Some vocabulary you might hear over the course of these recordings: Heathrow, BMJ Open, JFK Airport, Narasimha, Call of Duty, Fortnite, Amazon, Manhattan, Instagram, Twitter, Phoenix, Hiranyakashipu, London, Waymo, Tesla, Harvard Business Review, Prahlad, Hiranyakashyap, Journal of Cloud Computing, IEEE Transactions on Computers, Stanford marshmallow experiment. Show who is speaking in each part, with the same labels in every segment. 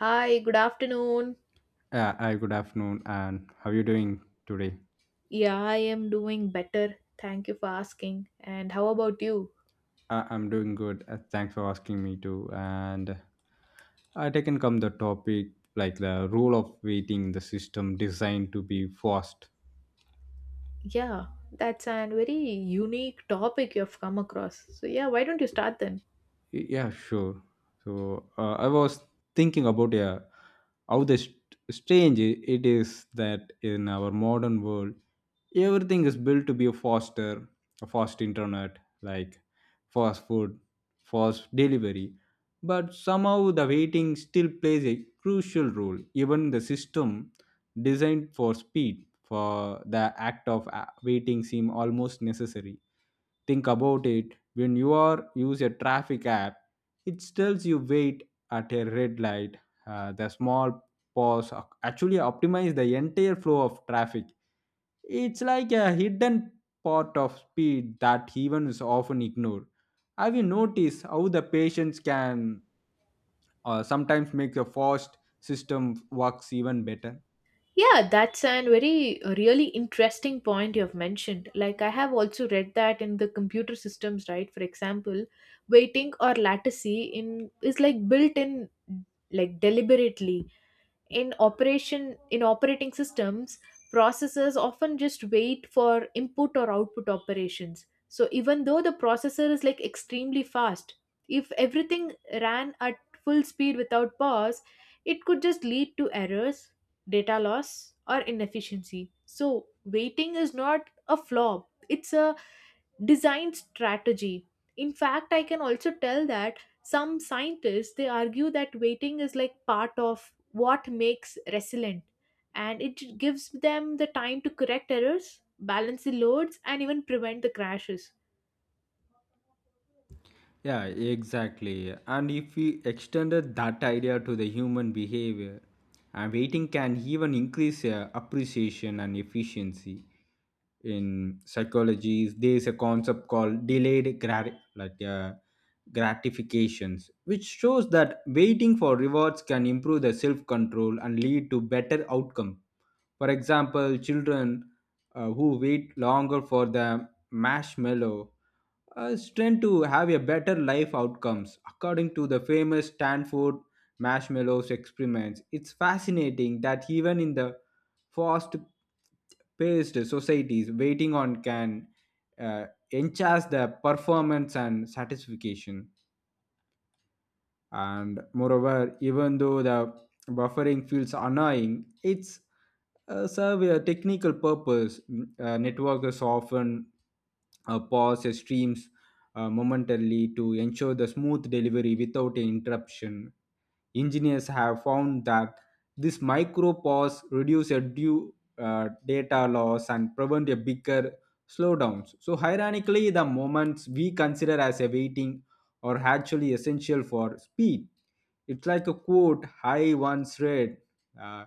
Speaker 1: Hi, good afternoon.
Speaker 2: Yeah, hi, good afternoon, and how are you doing today?
Speaker 1: Yeah, I am doing better. Thank you for asking. And how about you?
Speaker 2: I'm doing good. Thanks for asking me to. And I taken come the topic like the role of waiting, the system designed to be fast.
Speaker 1: Yeah, that's a very unique topic you have come across. So, yeah, why don't you start then?
Speaker 2: Yeah, sure. So I was thinking about, yeah, how the strange it is that in our modern world, everything is built to be a faster, a fast internet, like fast food, fast delivery. But somehow the waiting still plays a crucial role. Even the system designed for speed, for the act of waiting, seem almost necessary. Think about it, when you are use a traffic app, it tells you wait at a red light. The small pause actually optimize the entire flow of traffic. It's like a hidden part of speed that even is often ignored. Have you noticed how the patients can sometimes make a fast system works even better?
Speaker 1: Yeah, that's a really interesting point you have mentioned. Like, I have also read that in the computer systems, right? For example, waiting or latency in is like built in, like deliberately in operation in operating systems. Processors often just wait for input or output operations. So even though the processor is like extremely fast, if everything ran at full speed without pause, it could just lead to errors, data loss, or inefficiency. So waiting is not a flaw, it's a design strategy. In fact, I can also tell that some scientists, they argue that waiting is like part of what makes resilient, and it gives them the time to correct errors, balance the loads, and even prevent the crashes.
Speaker 2: Yeah, exactly. And if we extended that idea to the human behavior, and waiting can even increase appreciation and efficiency. In psychology, there is a concept called delayed gratifications, which shows that waiting for rewards can improve the self-control and lead to better outcome. For example, children who wait longer for the marshmallow tend to have a better life outcomes according to the famous Stanford marshmallows experiments. It's fascinating that even in the fast paced societies waiting on can uh, enhance the performance and satisfaction. And moreover, even though the buffering feels annoying, it's serve a technical purpose. Networkers often pause their streams momentarily to ensure the smooth delivery without an interruption. Engineers have found that this micro pause reduce a due data loss and prevent a bigger slowdowns. So ironically, the moments we consider as a waiting are actually essential for speed. It's like a quote I once read, uh,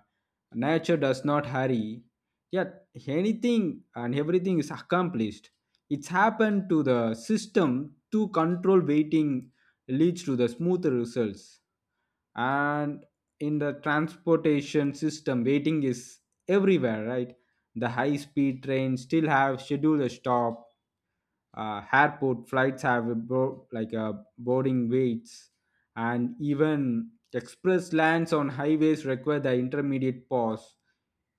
Speaker 2: nature does not hurry, yet anything and everything is accomplished. It's happened to the system to control waiting leads to the smoother results. And in the transportation system, waiting is everywhere, right? The high speed trains still have scheduled a stop. Airport flights have a boarding weights, and even express lanes on highways require the intermediate pause.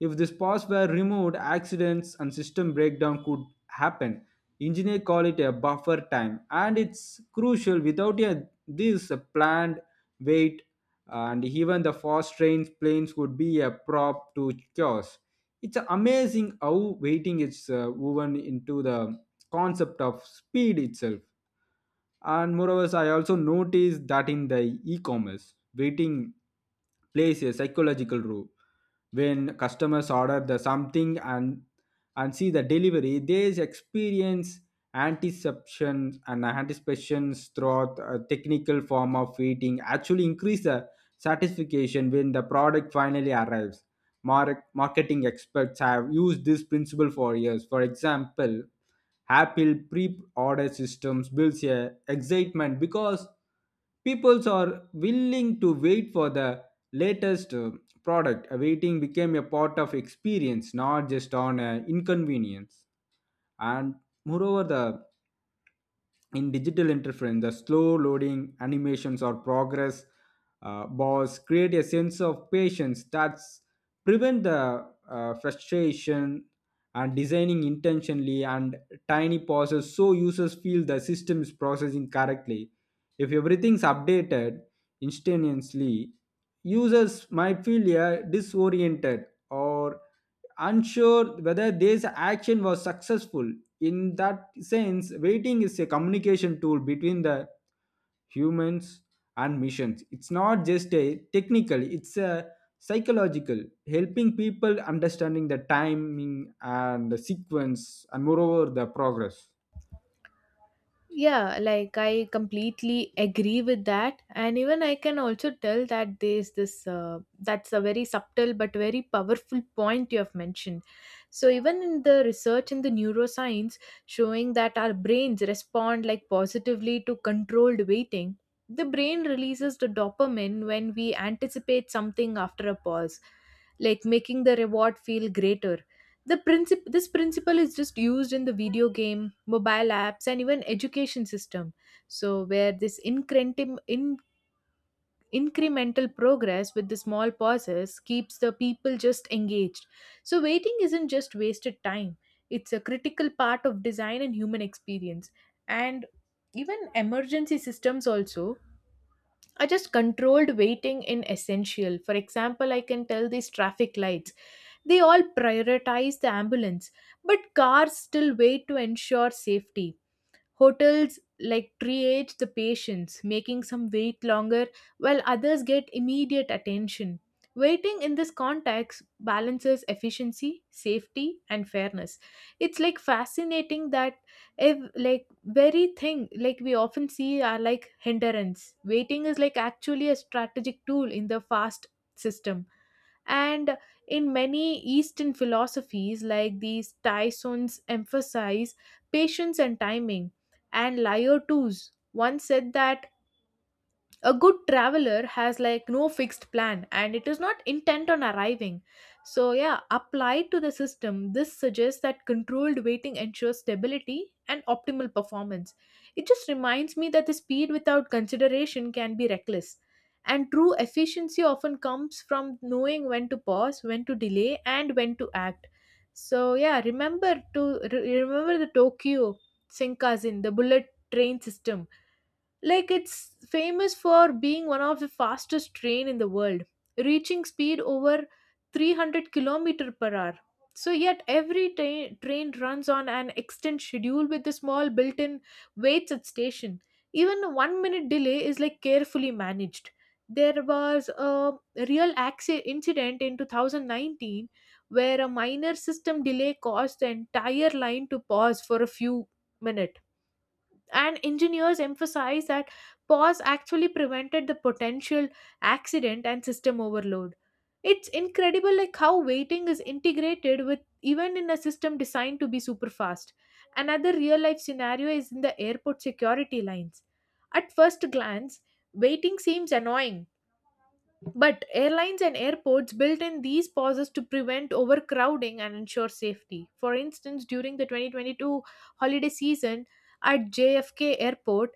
Speaker 2: If this pause were removed, accidents and system breakdown could happen. Engineers call it a buffer time, and it's crucial. Without a, this a planned wait, and even the fast trains, planes would be a prop to chaos. It's amazing how waiting is woven into the concept of speed itself. And moreover, I also noticed that in the e-commerce, waiting plays a psychological role. When customers order the something and see the delivery, they experience anticipation, and anticipations throughout a technical form of waiting actually increase the satisfaction when the product finally arrives. Marketing experts have used this principle for years. For example, Apple pre-order systems builds a excitement because people are willing to wait for the latest product. Waiting became a part of experience, not just on inconvenience. And moreover, the in digital interference the slow loading animations or progress bars create a sense of patience that prevent the frustration, and designing intentionally and tiny pauses so users feel the system is processing correctly. If everything's updated instantaneously, users might feel disoriented or unsure whether this action was successful. In that sense, waiting is a communication tool between the humans and missions. It's not just a technical, it's a psychological, helping people understanding the timing and the sequence and moreover the progress.
Speaker 1: Yeah, like I completely agree with that. And even I can also tell that that's a very subtle but very powerful point you have mentioned. So, even in the research in the neuroscience showing that our brains respond like positively to controlled waiting, the brain releases the dopamine when we anticipate something after a pause, like making the reward feel greater. This principle is just used in the video game, mobile apps, and even education system. So where this incremental progress with the small pauses keeps the people just engaged. So waiting isn't just wasted time; it's a critical part of design and human experience. And even emergency systems also are just controlled waiting in essential. For example, I can tell these traffic lights, they all prioritize the ambulance, but cars still wait to ensure safety. Hotels like triage the patients, making some wait longer while others get immediate attention. Waiting in this context balances efficiency, safety, and fairness. It's like fascinating that if like very thing like we often see are like hindrance. Waiting is like actually a strategic tool in the fast system. And in many Eastern philosophies, like these Tysons emphasize patience and timing. And Laertes once said that a good traveler has like no fixed plan and it is not intent on arriving. So yeah, applied to the system, this suggests that controlled waiting ensures stability and optimal performance. It just reminds me that the speed without consideration can be reckless, and true efficiency often comes from knowing when to pause, when to delay, and when to act. So yeah, remember the Tokyo Shinkansen, the bullet train system. Like, it's famous for being one of the fastest train in the world, reaching speed over 300 kilometer per hour. So yet every train runs on an extent schedule with the small built-in waits at station. Even a 1-minute delay is like carefully managed. There was a real incident in 2019 where a minor system delay caused the entire line to pause for a few minutes, and engineers emphasize that pause actually prevented the potential accident and system overload. It's incredible like how waiting is integrated with even in a system designed to be super fast. Another real life scenario is in the airport security lines. At first glance, waiting seems annoying, but airlines and airports built in these pauses to prevent overcrowding and ensure safety. For instance, during the 2022 holiday season at JFK Airport,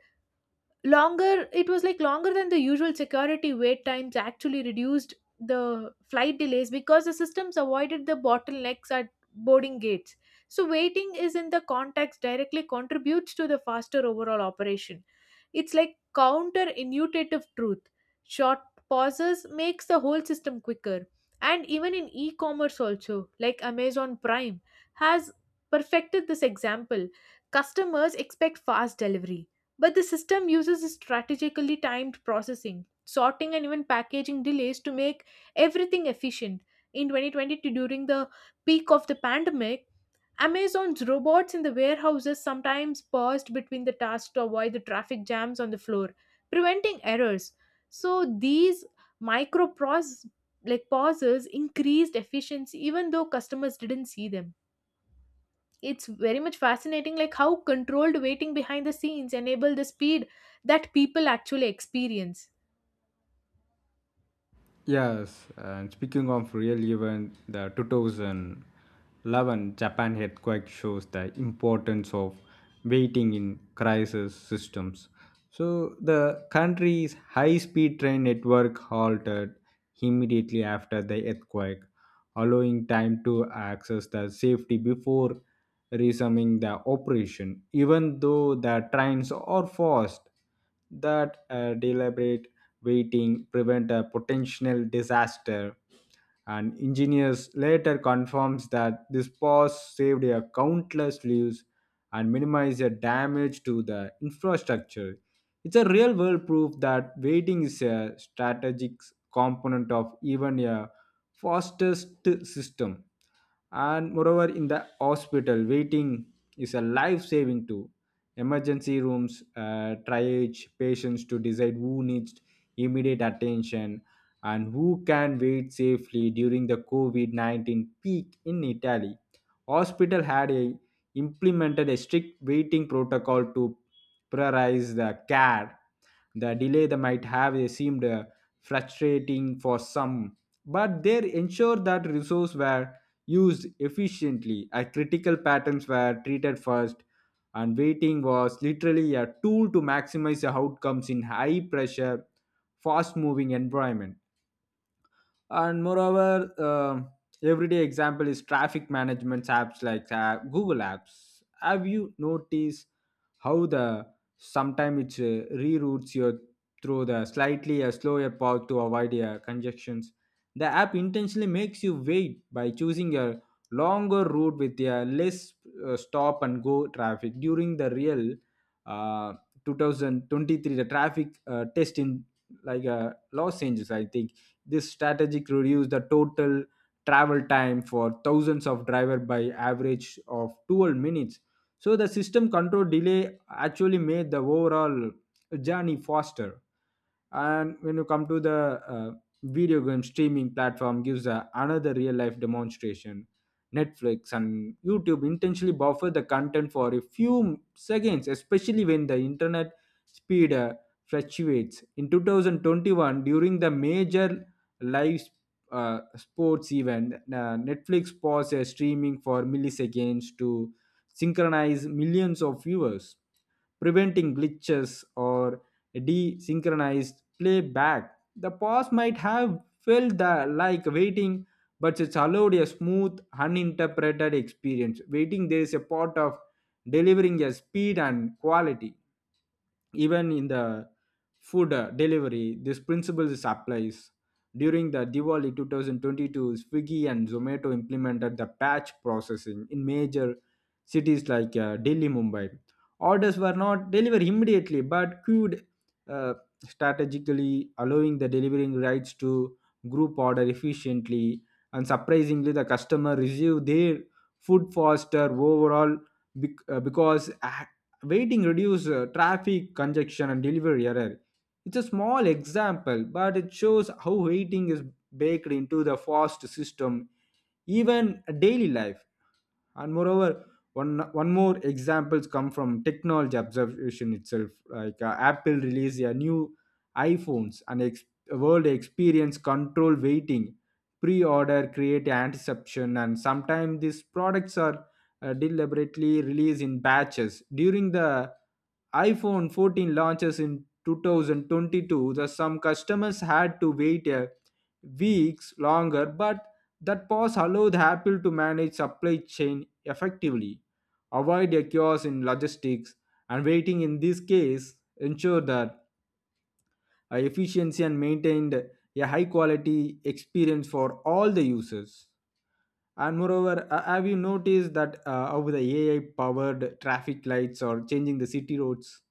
Speaker 1: longer, it was like longer than the usual security wait times actually reduced the flight delays because the systems avoided the bottlenecks at boarding gates. So waiting is in the context directly contributes to the faster overall operation. It's like counter intuitive truth. Short pauses makes the whole system quicker. And even in e-commerce also, like Amazon Prime has perfected this example. Customers expect fast delivery, but the system uses strategically timed processing, sorting, and even packaging delays to make everything efficient. In 2020, during the peak of the pandemic, Amazon's robots in the warehouses sometimes paused between the tasks to avoid the traffic jams on the floor, preventing errors. So these micro pros- like pauses increased efficiency even though customers didn't see them. It's very much fascinating like how controlled waiting behind the scenes enable the speed that people actually experience.
Speaker 2: Yes, and speaking of real event, the 2011 Japan earthquake shows the importance of waiting in crisis systems. So the country's high-speed train network halted immediately after the earthquake, allowing time to access the safety before resuming the operation. Even though the trains are fast, that deliberate waiting prevent a potential disaster, and engineers later confirms that this pause saved a countless lives and minimized the damage to the infrastructure. It's a real world proof that waiting is a strategic component of even a fastest system. And moreover, in the hospital, waiting is a life saving tool. Emergency rooms triage patients to decide who needs immediate attention and who can wait safely. During the COVID 19 peak in Italy, hospital had a, implemented a strict waiting protocol to prioritize the care. The delay that might have seemed frustrating for some, but they ensured that resources were used efficiently. A critical patterns were treated first, and waiting was literally a tool to maximize the outcomes in high pressure fast moving environment. And moreover, everyday example is traffic management apps like google apps. Have you noticed how the sometimes it reroutes you through the slightly a slower path to avoid congestions? The app intentionally makes you wait by choosing a longer route with a less stop and go traffic. During the real uh, 2023 the traffic test in like los angeles I think this strategic reduced the total travel time for thousands of drivers by average of 12 minutes. So the system control delay actually made the overall journey faster. And when you come to the uh, video game streaming platform, gives a, another real life demonstration. Netflix and YouTube intentionally buffer the content for a few seconds, especially when the internet speed fluctuates. In 2021, during the major live sports event, Netflix pauses streaming for milliseconds to synchronize millions of viewers, preventing glitches or desynchronized playback. The pause might have felt the, like waiting, but it's allowed a smooth, uninterpreted experience. Waiting, there is a part of delivering a speed and quality even in the food delivery. This principle is applies during the Diwali 2022. Swiggy and Zomato implemented the batch processing in major cities like Delhi, Mumbai. Orders were not delivered immediately but queued uh, strategically, allowing the delivering rights to group order efficiently. And surprisingly, the customer received their food faster overall, because waiting reduces traffic congestion and delivery error. It's a small example but it shows how waiting is baked into the fast system, even daily life. And moreover, one more examples come from technology observation itself. Like Apple released their new iphones and world experience control waiting. Pre-order create anticipation, and sometimes these products are deliberately released in batches. During the iPhone 14 launches in 2022, the some customers had to wait a weeks longer, but that pause allowed Apple to manage supply chain effectively, avoid a chaos in logistics, and waiting in this case ensure that efficiency and maintained a high quality experience for all the users. And moreover, have you noticed that how the AI powered traffic lights are changing the city roads?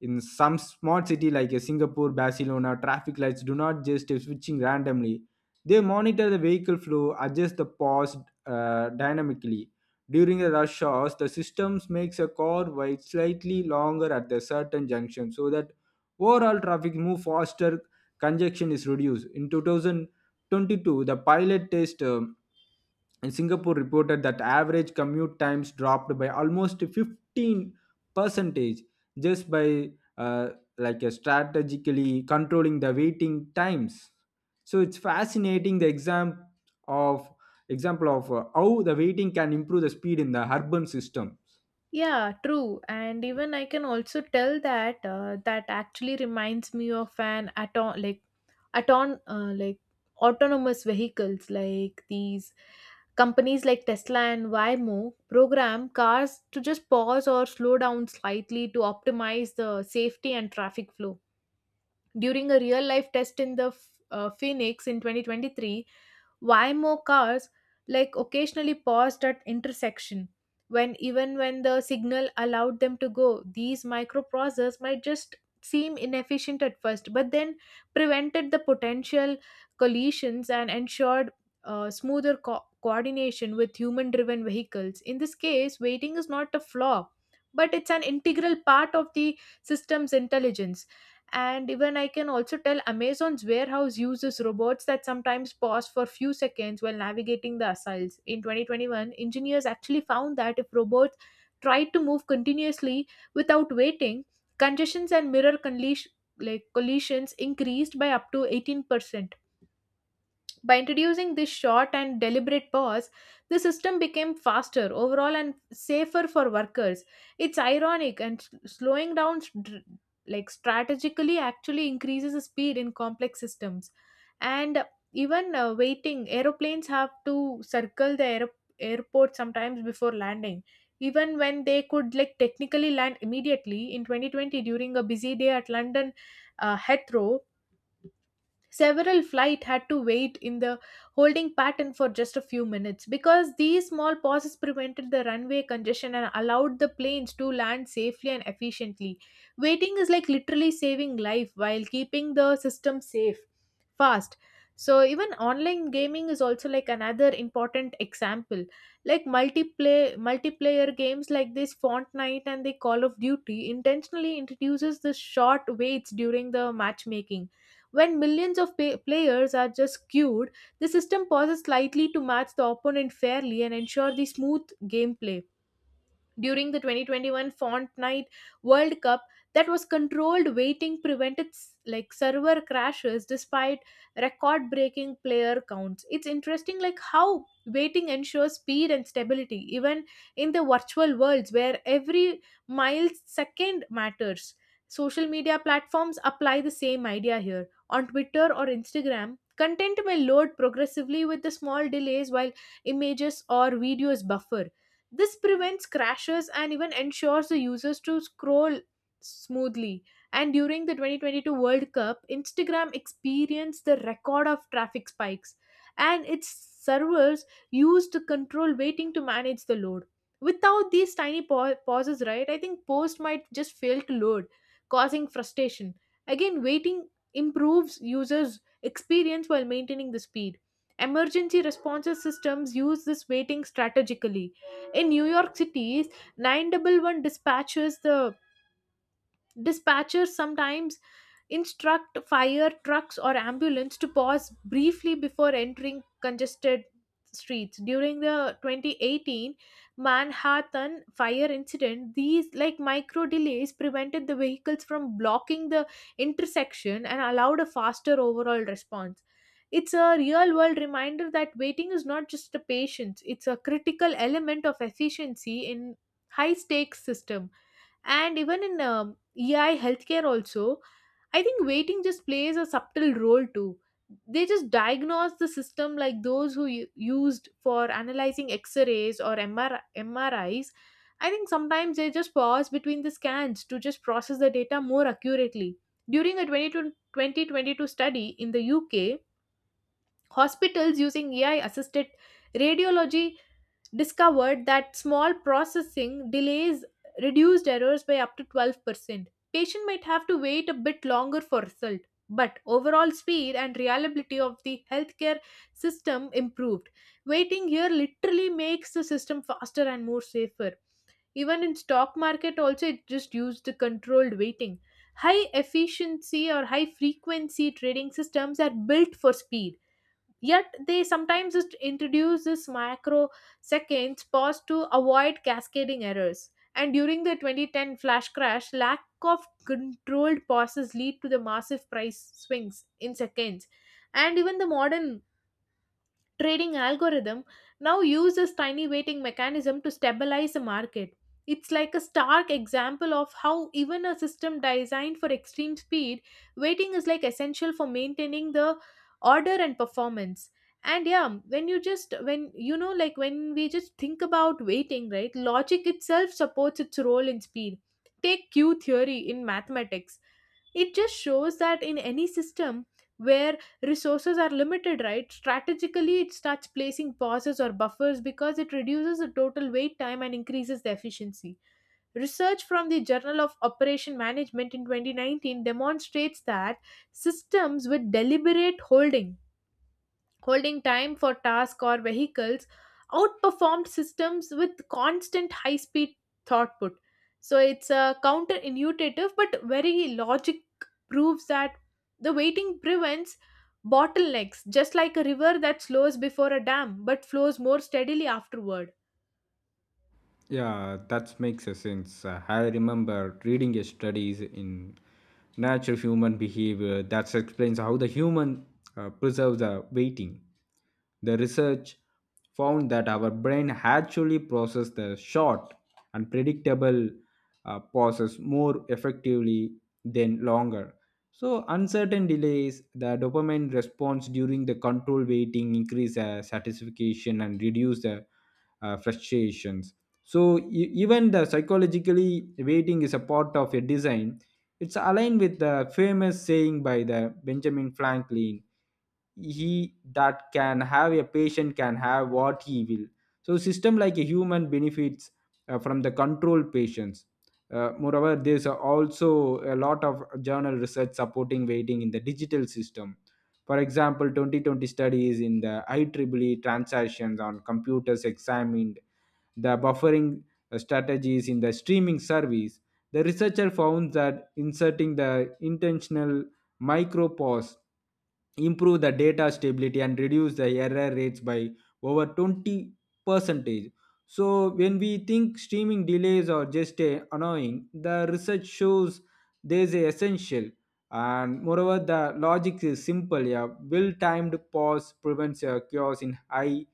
Speaker 2: In some smart city like Singapore, Barcelona, traffic lights do not just switching randomly. They monitor the vehicle flow, adjust the pause dynamically. During the rush hours, the systems makes a car wait slightly longer at the certain junction so that overall traffic move faster, congestion is reduced. In 2022, the pilot test and Singapore reported that average commute times dropped by almost 15 percentage just by uh, like strategically controlling the waiting times. So it's fascinating the of example of how the waiting can improve the speed in the urban system.
Speaker 1: Yeah, true. And even I can also tell that that actually reminds me of an auto like auton like autonomous vehicles, like these companies like Tesla and Waymo program cars to just pause or slow down slightly to optimize the safety and traffic flow. During a real life test in the Phoenix in 2023, Waymo cars like occasionally paused at intersection when, even when the signal allowed them to go. These microprocessors might just seem inefficient at first, but then prevented the potential collisions and ensured smoother coordination with human driven vehicles. In this case, waiting is not a flaw, but it's an integral part of the system's intelligence. And even I can also tell Amazon's warehouse uses robots that sometimes pause for few seconds while navigating the aisles. In 2021, engineers actually found that if robots tried to move continuously without waiting, congestions and mirror collisions increased by up to 18%. By introducing this short and deliberate pause, the system became faster overall and safer for workers. It's ironic and slowing down strategically actually increases the speed in complex systems. And even waiting, aeroplanes have to circle the airport sometimes before landing. Even when they could like technically land immediately in 2020 during a busy day at London Heathrow, several flight had to wait in the holding pattern for just a few minutes because these small pauses prevented the runway congestion and allowed the planes to land safely and efficiently. Waiting is like literally saving life while keeping the system safe, fast. So even online gaming is also like another important example. Like multiplayer games like this Fortnite and the Call of Duty intentionally introduces the short waits during the matchmaking. When millions of players are just queued, the system pauses slightly to match the opponent fairly and ensure the smooth gameplay. During the 2021 Fortnite World Cup, that was controlled waiting prevented server crashes despite record breaking player counts. It's interesting like how waiting ensures speed and stability even in the virtual worlds where every millisecond matters. Social media platforms apply the same idea here. On Twitter or Instagram, content may load progressively with the small delays while images or videos buffer. This prevents crashes and even ensures the users to scroll smoothly. And during the 2022 World Cup, Instagram experienced the record of traffic spikes, and its servers used to control waiting to manage the load. Without these tiny pauses, right, I think post might just fail to load, causing frustration. Again, waiting improves users' experience while maintaining the speed. Emergency responses systems use this waiting strategically. In New York City's 911 dispatches, the dispatchers sometimes instruct fire trucks or ambulance to pause briefly before entering congested streets during the 2018 Manhattan fire incident. These like micro delays prevented the vehicles from blocking the intersection and allowed a faster overall response. It's a real world reminder that waiting is not just a patience, it's a critical element of efficiency in high stakes system. And even in ei healthcare also, I think waiting just plays a subtle role too. They just diagnose the system, like those who used for analyzing x-rays or mris, I think sometimes they just pause between the scans to just process the data more accurately. During a twenty to twenty 22 2022 study in the UK, hospitals using AI assisted radiology discovered that small processing delays reduced errors by up to 12%. Patient might have to wait a bit longer for result, but overall speed and reliability of the healthcare system improved. Waiting here literally makes the system faster and more safer. Even in stock market also, it just used the controlled waiting. High efficiency or high frequency trading systems are built for speed. Yet they sometimes just introduce this microseconds pause to avoid cascading errors. And during the 2010 flash crash, lack of controlled pauses lead to the massive price swings in seconds. And even the modern trading algorithm now uses tiny weighting mechanism to stabilize the market. It's like a stark example of how even a system designed for extreme speed, weighting is like essential for maintaining the order and performance. And yeah, when you just, when you know, like when we just think about weighting, right, logic itself supports its role in speed. Take q theory in mathematics. It just shows that in any system where resources are limited, right, strategically it starts placing pauses or buffers because it reduces the total wait time and increases the efficiency. Research from the Journal of Operation Management in 2019 demonstrates that systems with deliberate holding time for tasks or vehicles outperformed systems with constant high speed throughput. So it's a counterintuitive but very logic proves that the waiting prevents bottlenecks, just like a river that slows before a dam but flows more steadily afterward.
Speaker 2: Yeah, that makes a sense. I remember reading a studies in natural human behavior that explains how the human preserves the waiting. The research found that our brain actually processes the short and predictable pauses more effectively than longer. So, uncertain delays, the dopamine response during the control waiting increase satisfaction and reduce the frustrations. So even the psychologically waiting is a part of a design. It's aligned with the famous saying by the Benjamin Franklin, he that can have a patient can have what he will. So system like a human benefits from the control patients. Moreover, there's also a lot of journal research supporting waiting in the digital system. For example, 2020 studies in the ieee transactions on computers examined the buffering strategies in the streaming service. The researcher found that inserting the intentional micropause improve the data stability and reduce the error rates by over 20 percentage. So when we think streaming delays are just annoying, the research shows there's a essential. And moreover, the logic is simple, a well timed pause prevents a chaos in high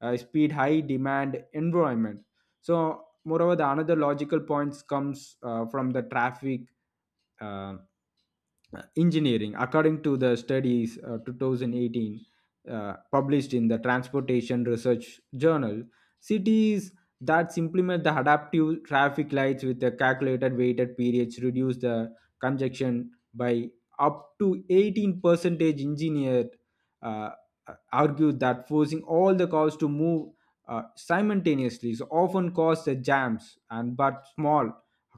Speaker 2: speed, high demand environment. So moreover, the another logical points comes from the traffic uh, engineering. According to the studies, 2018 published in the transportation research journal, cities that implement the adaptive traffic lights with the calculated weighted periods reduce the congestion by up to 18 percentage. Engineer uh, argued that forcing all the cars to move simultaneously so often causes the jams, and but small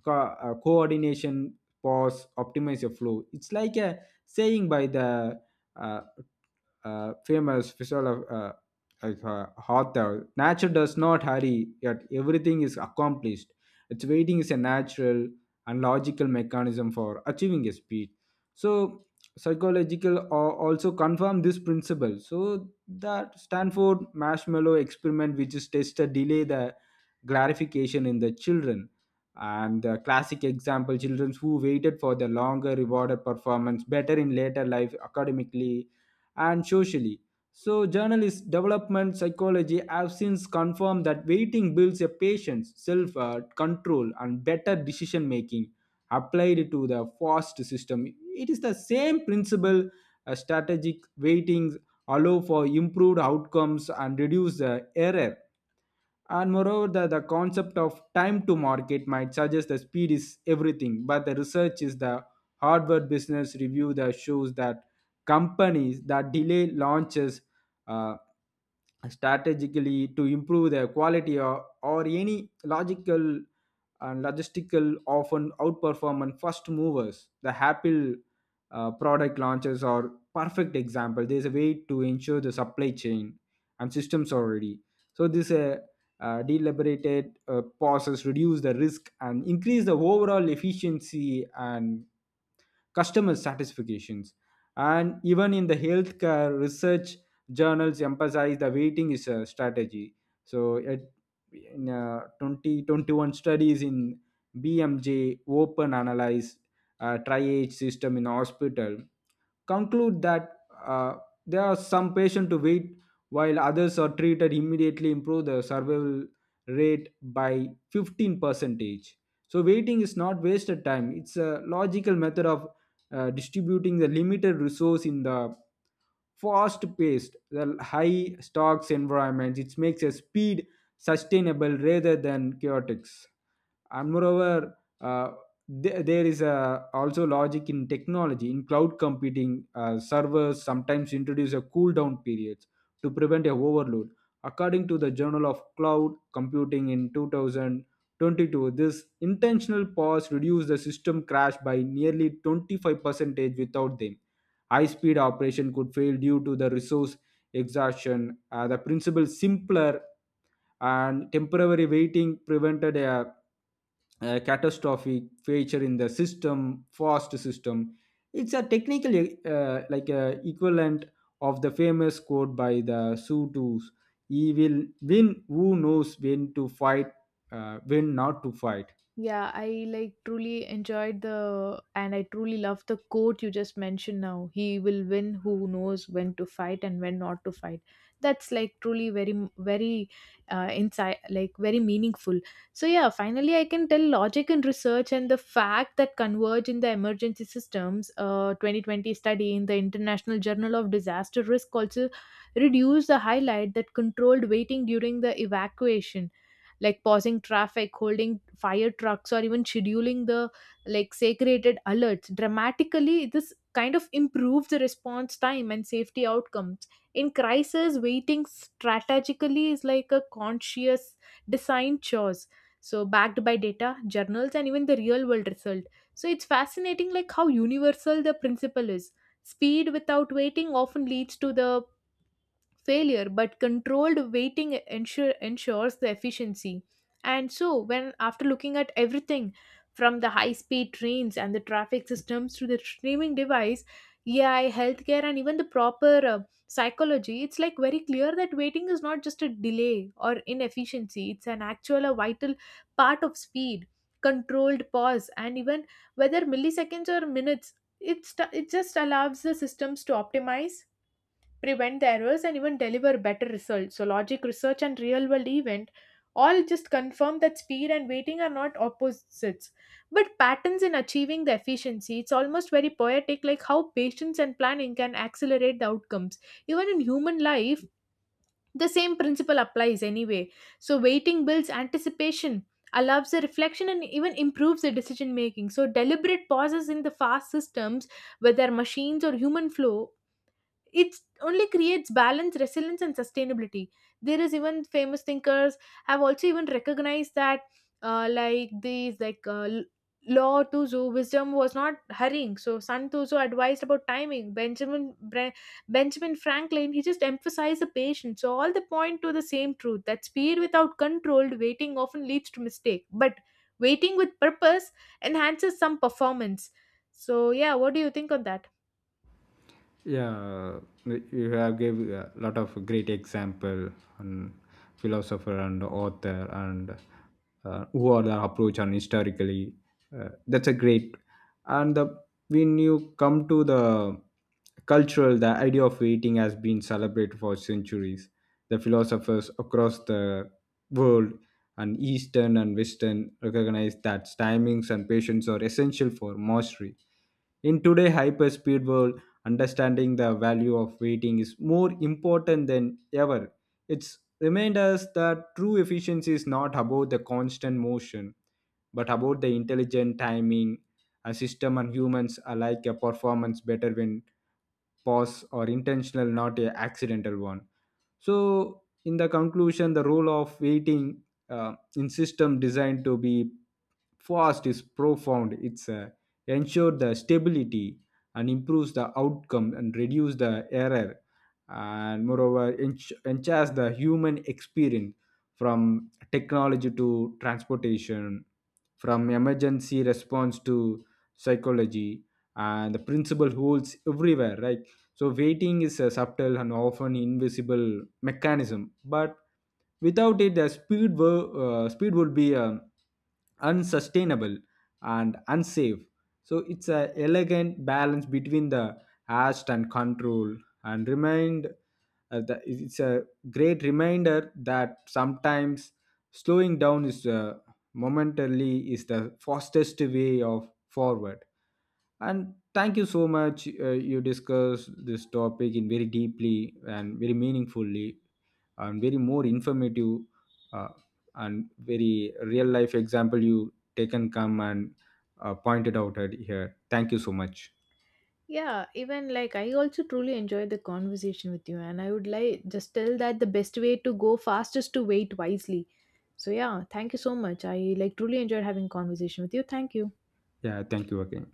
Speaker 2: coordination pause optimize your flow. It's like a saying by the uh, famous visual, like, hotel. Nature does not hurry, yet everything is accomplished. Its waiting is a natural and logical mechanism for achieving a speed. So psychological also confirm this principle. So that Stanford marshmallow experiment, which is tested delay the glorification in the children. And the classic example, children who waited for the longer rewarded performance better in later life academically and socially. So, journalist development psychology have since confirmed that waiting builds a patience, self control, and better decision making applied to the fast system. It is the same principle. Strategic waitings allow for improved outcomes and reduce the error. And moreover, the concept of time to market might suggest that speed is everything, but the research is the Harvard Business Review that shows that companies that delay launches uh, strategically to improve their quality, or any logical and logistical, often outperform and first movers. The Apple product launches are perfect example. There's a way to ensure the supply chain and systems already. So this deliberated pauses reduce the risk and increase the overall efficiency and customer satisfactions. And even in the healthcare research, journals emphasize the waiting is a strategy. So it, in 2021 studies in bmj open analyze triage system in hospital, conclude that uh, there are some patients to wait while others are treated immediately, improve the survival rate by 15 percentage. So waiting is not wasted time, it's a logical method of distributing the limited resource in the fast paced, the high stocks environments. It makes a speed sustainable rather than chaotic. And moreover, there is a, also logic in technology. In cloud computing, servers sometimes introduce a cool down periods to prevent a overload. According to the journal of cloud computing in 2022, this intentional pause reduced the system crash by nearly 25%. Without them, high speed operation could fail due to the resource exhaustion. The principle simpler, and temporary waiting prevented a catastrophic failure in the system fast system. It's a technical like a equivalent of the famous quote by the Sudus: he will win who knows when to fight, when not to fight.
Speaker 1: Yeah, I like truly enjoyed the, and I truly love the quote you just mentioned now. He will win who knows when to fight and when not to fight. That's like truly very very inside, like very meaningful. So yeah, finally I can tell logic and research and the fact that converge in the emergency systems. 2020 study in the International Journal of Disaster Risk also reduced the highlight that controlled waiting during the evacuation, like pausing traffic, holding fire trucks, or even scheduling the like segregated alerts. Dramatically, this kind of improves the response time and safety outcomes. In crisis, waiting strategically is like a conscious design choice. So backed by data, journals, and even the real world result. So it's fascinating like how universal the principle is. Speed without waiting often leads to the failure, but controlled waiting ensures the efficiency. And so when after looking at everything, from the high speed trains and the traffic systems to the streaming device, AI healthcare, and even the proper psychology, it's like very clear that waiting is not just a delay or inefficiency, it's an actual a vital part of speed. Controlled pause, and even whether milliseconds or minutes, it just allows the systems to optimize, prevent the errors, and even deliver better results. So logic, research, and real world event all just confirm that speed and waiting are not opposites but patterns in achieving the efficiency. It's almost very poetic like how patience and planning can accelerate the outcomes even in human life. The same principle applies anyway. So waiting builds anticipation, allows the reflection, and even improves the decision making. So deliberate pauses in the fast systems, whether machines or human flow, it only creates balance, resilience, and sustainability. There is even famous thinkers have also even recognized that uh, like these like uh, l- law tuzu wisdom was not hurrying. So Sun Tzu advised about timing. Benjamin Franklin, he just emphasized the patience. So all the point to the same truth, that speed without controlled waiting often leads to mistake, but waiting with purpose enhances some performance. So yeah, what do you think on that?
Speaker 2: Yeah, like you have gave a lot of great example on philosopher and author, and who are the approach on historically, that's a great. And the, when you come to the cultural, the idea of eating has been celebrated for centuries. The philosophers across the world, and eastern and western, recognize that timings and patience are essential for mastery. In today's hyper-speed world, understanding the value of waiting is more important than ever. It's remind us that true efficiency is not about the constant motion, but about the intelligent timing. A system and humans alike a performance better when pause or intentional, not a accidental one. So, in the conclusion, the role of waiting in system designed to be fast is profound. It's ensure the stability and improves the outcome and reduce the error, and moreover enhance the human experience, from technology to transportation, from emergency response to psychology, and the principle holds everywhere, right? So waiting is a subtle and often invisible mechanism, but without it the speed speed would be unsustainable and unsafe. So it's a elegant balance between the haste and control, and remind it's a great reminder that sometimes slowing down is momentarily is the fastest way of forward. And thank you so much, you discussed this topic in very deeply and very meaningfully and very more informative, uh, and very real life example you taken come and pointed out at here. Thank you so much.
Speaker 1: Yeah, even like I also truly enjoyed the conversation with you, and I would like just tell that the best way to go fast is to wait wisely. So yeah, thank you so much. I like truly enjoyed having conversation with you. Thank you.
Speaker 2: Yeah, thank you again.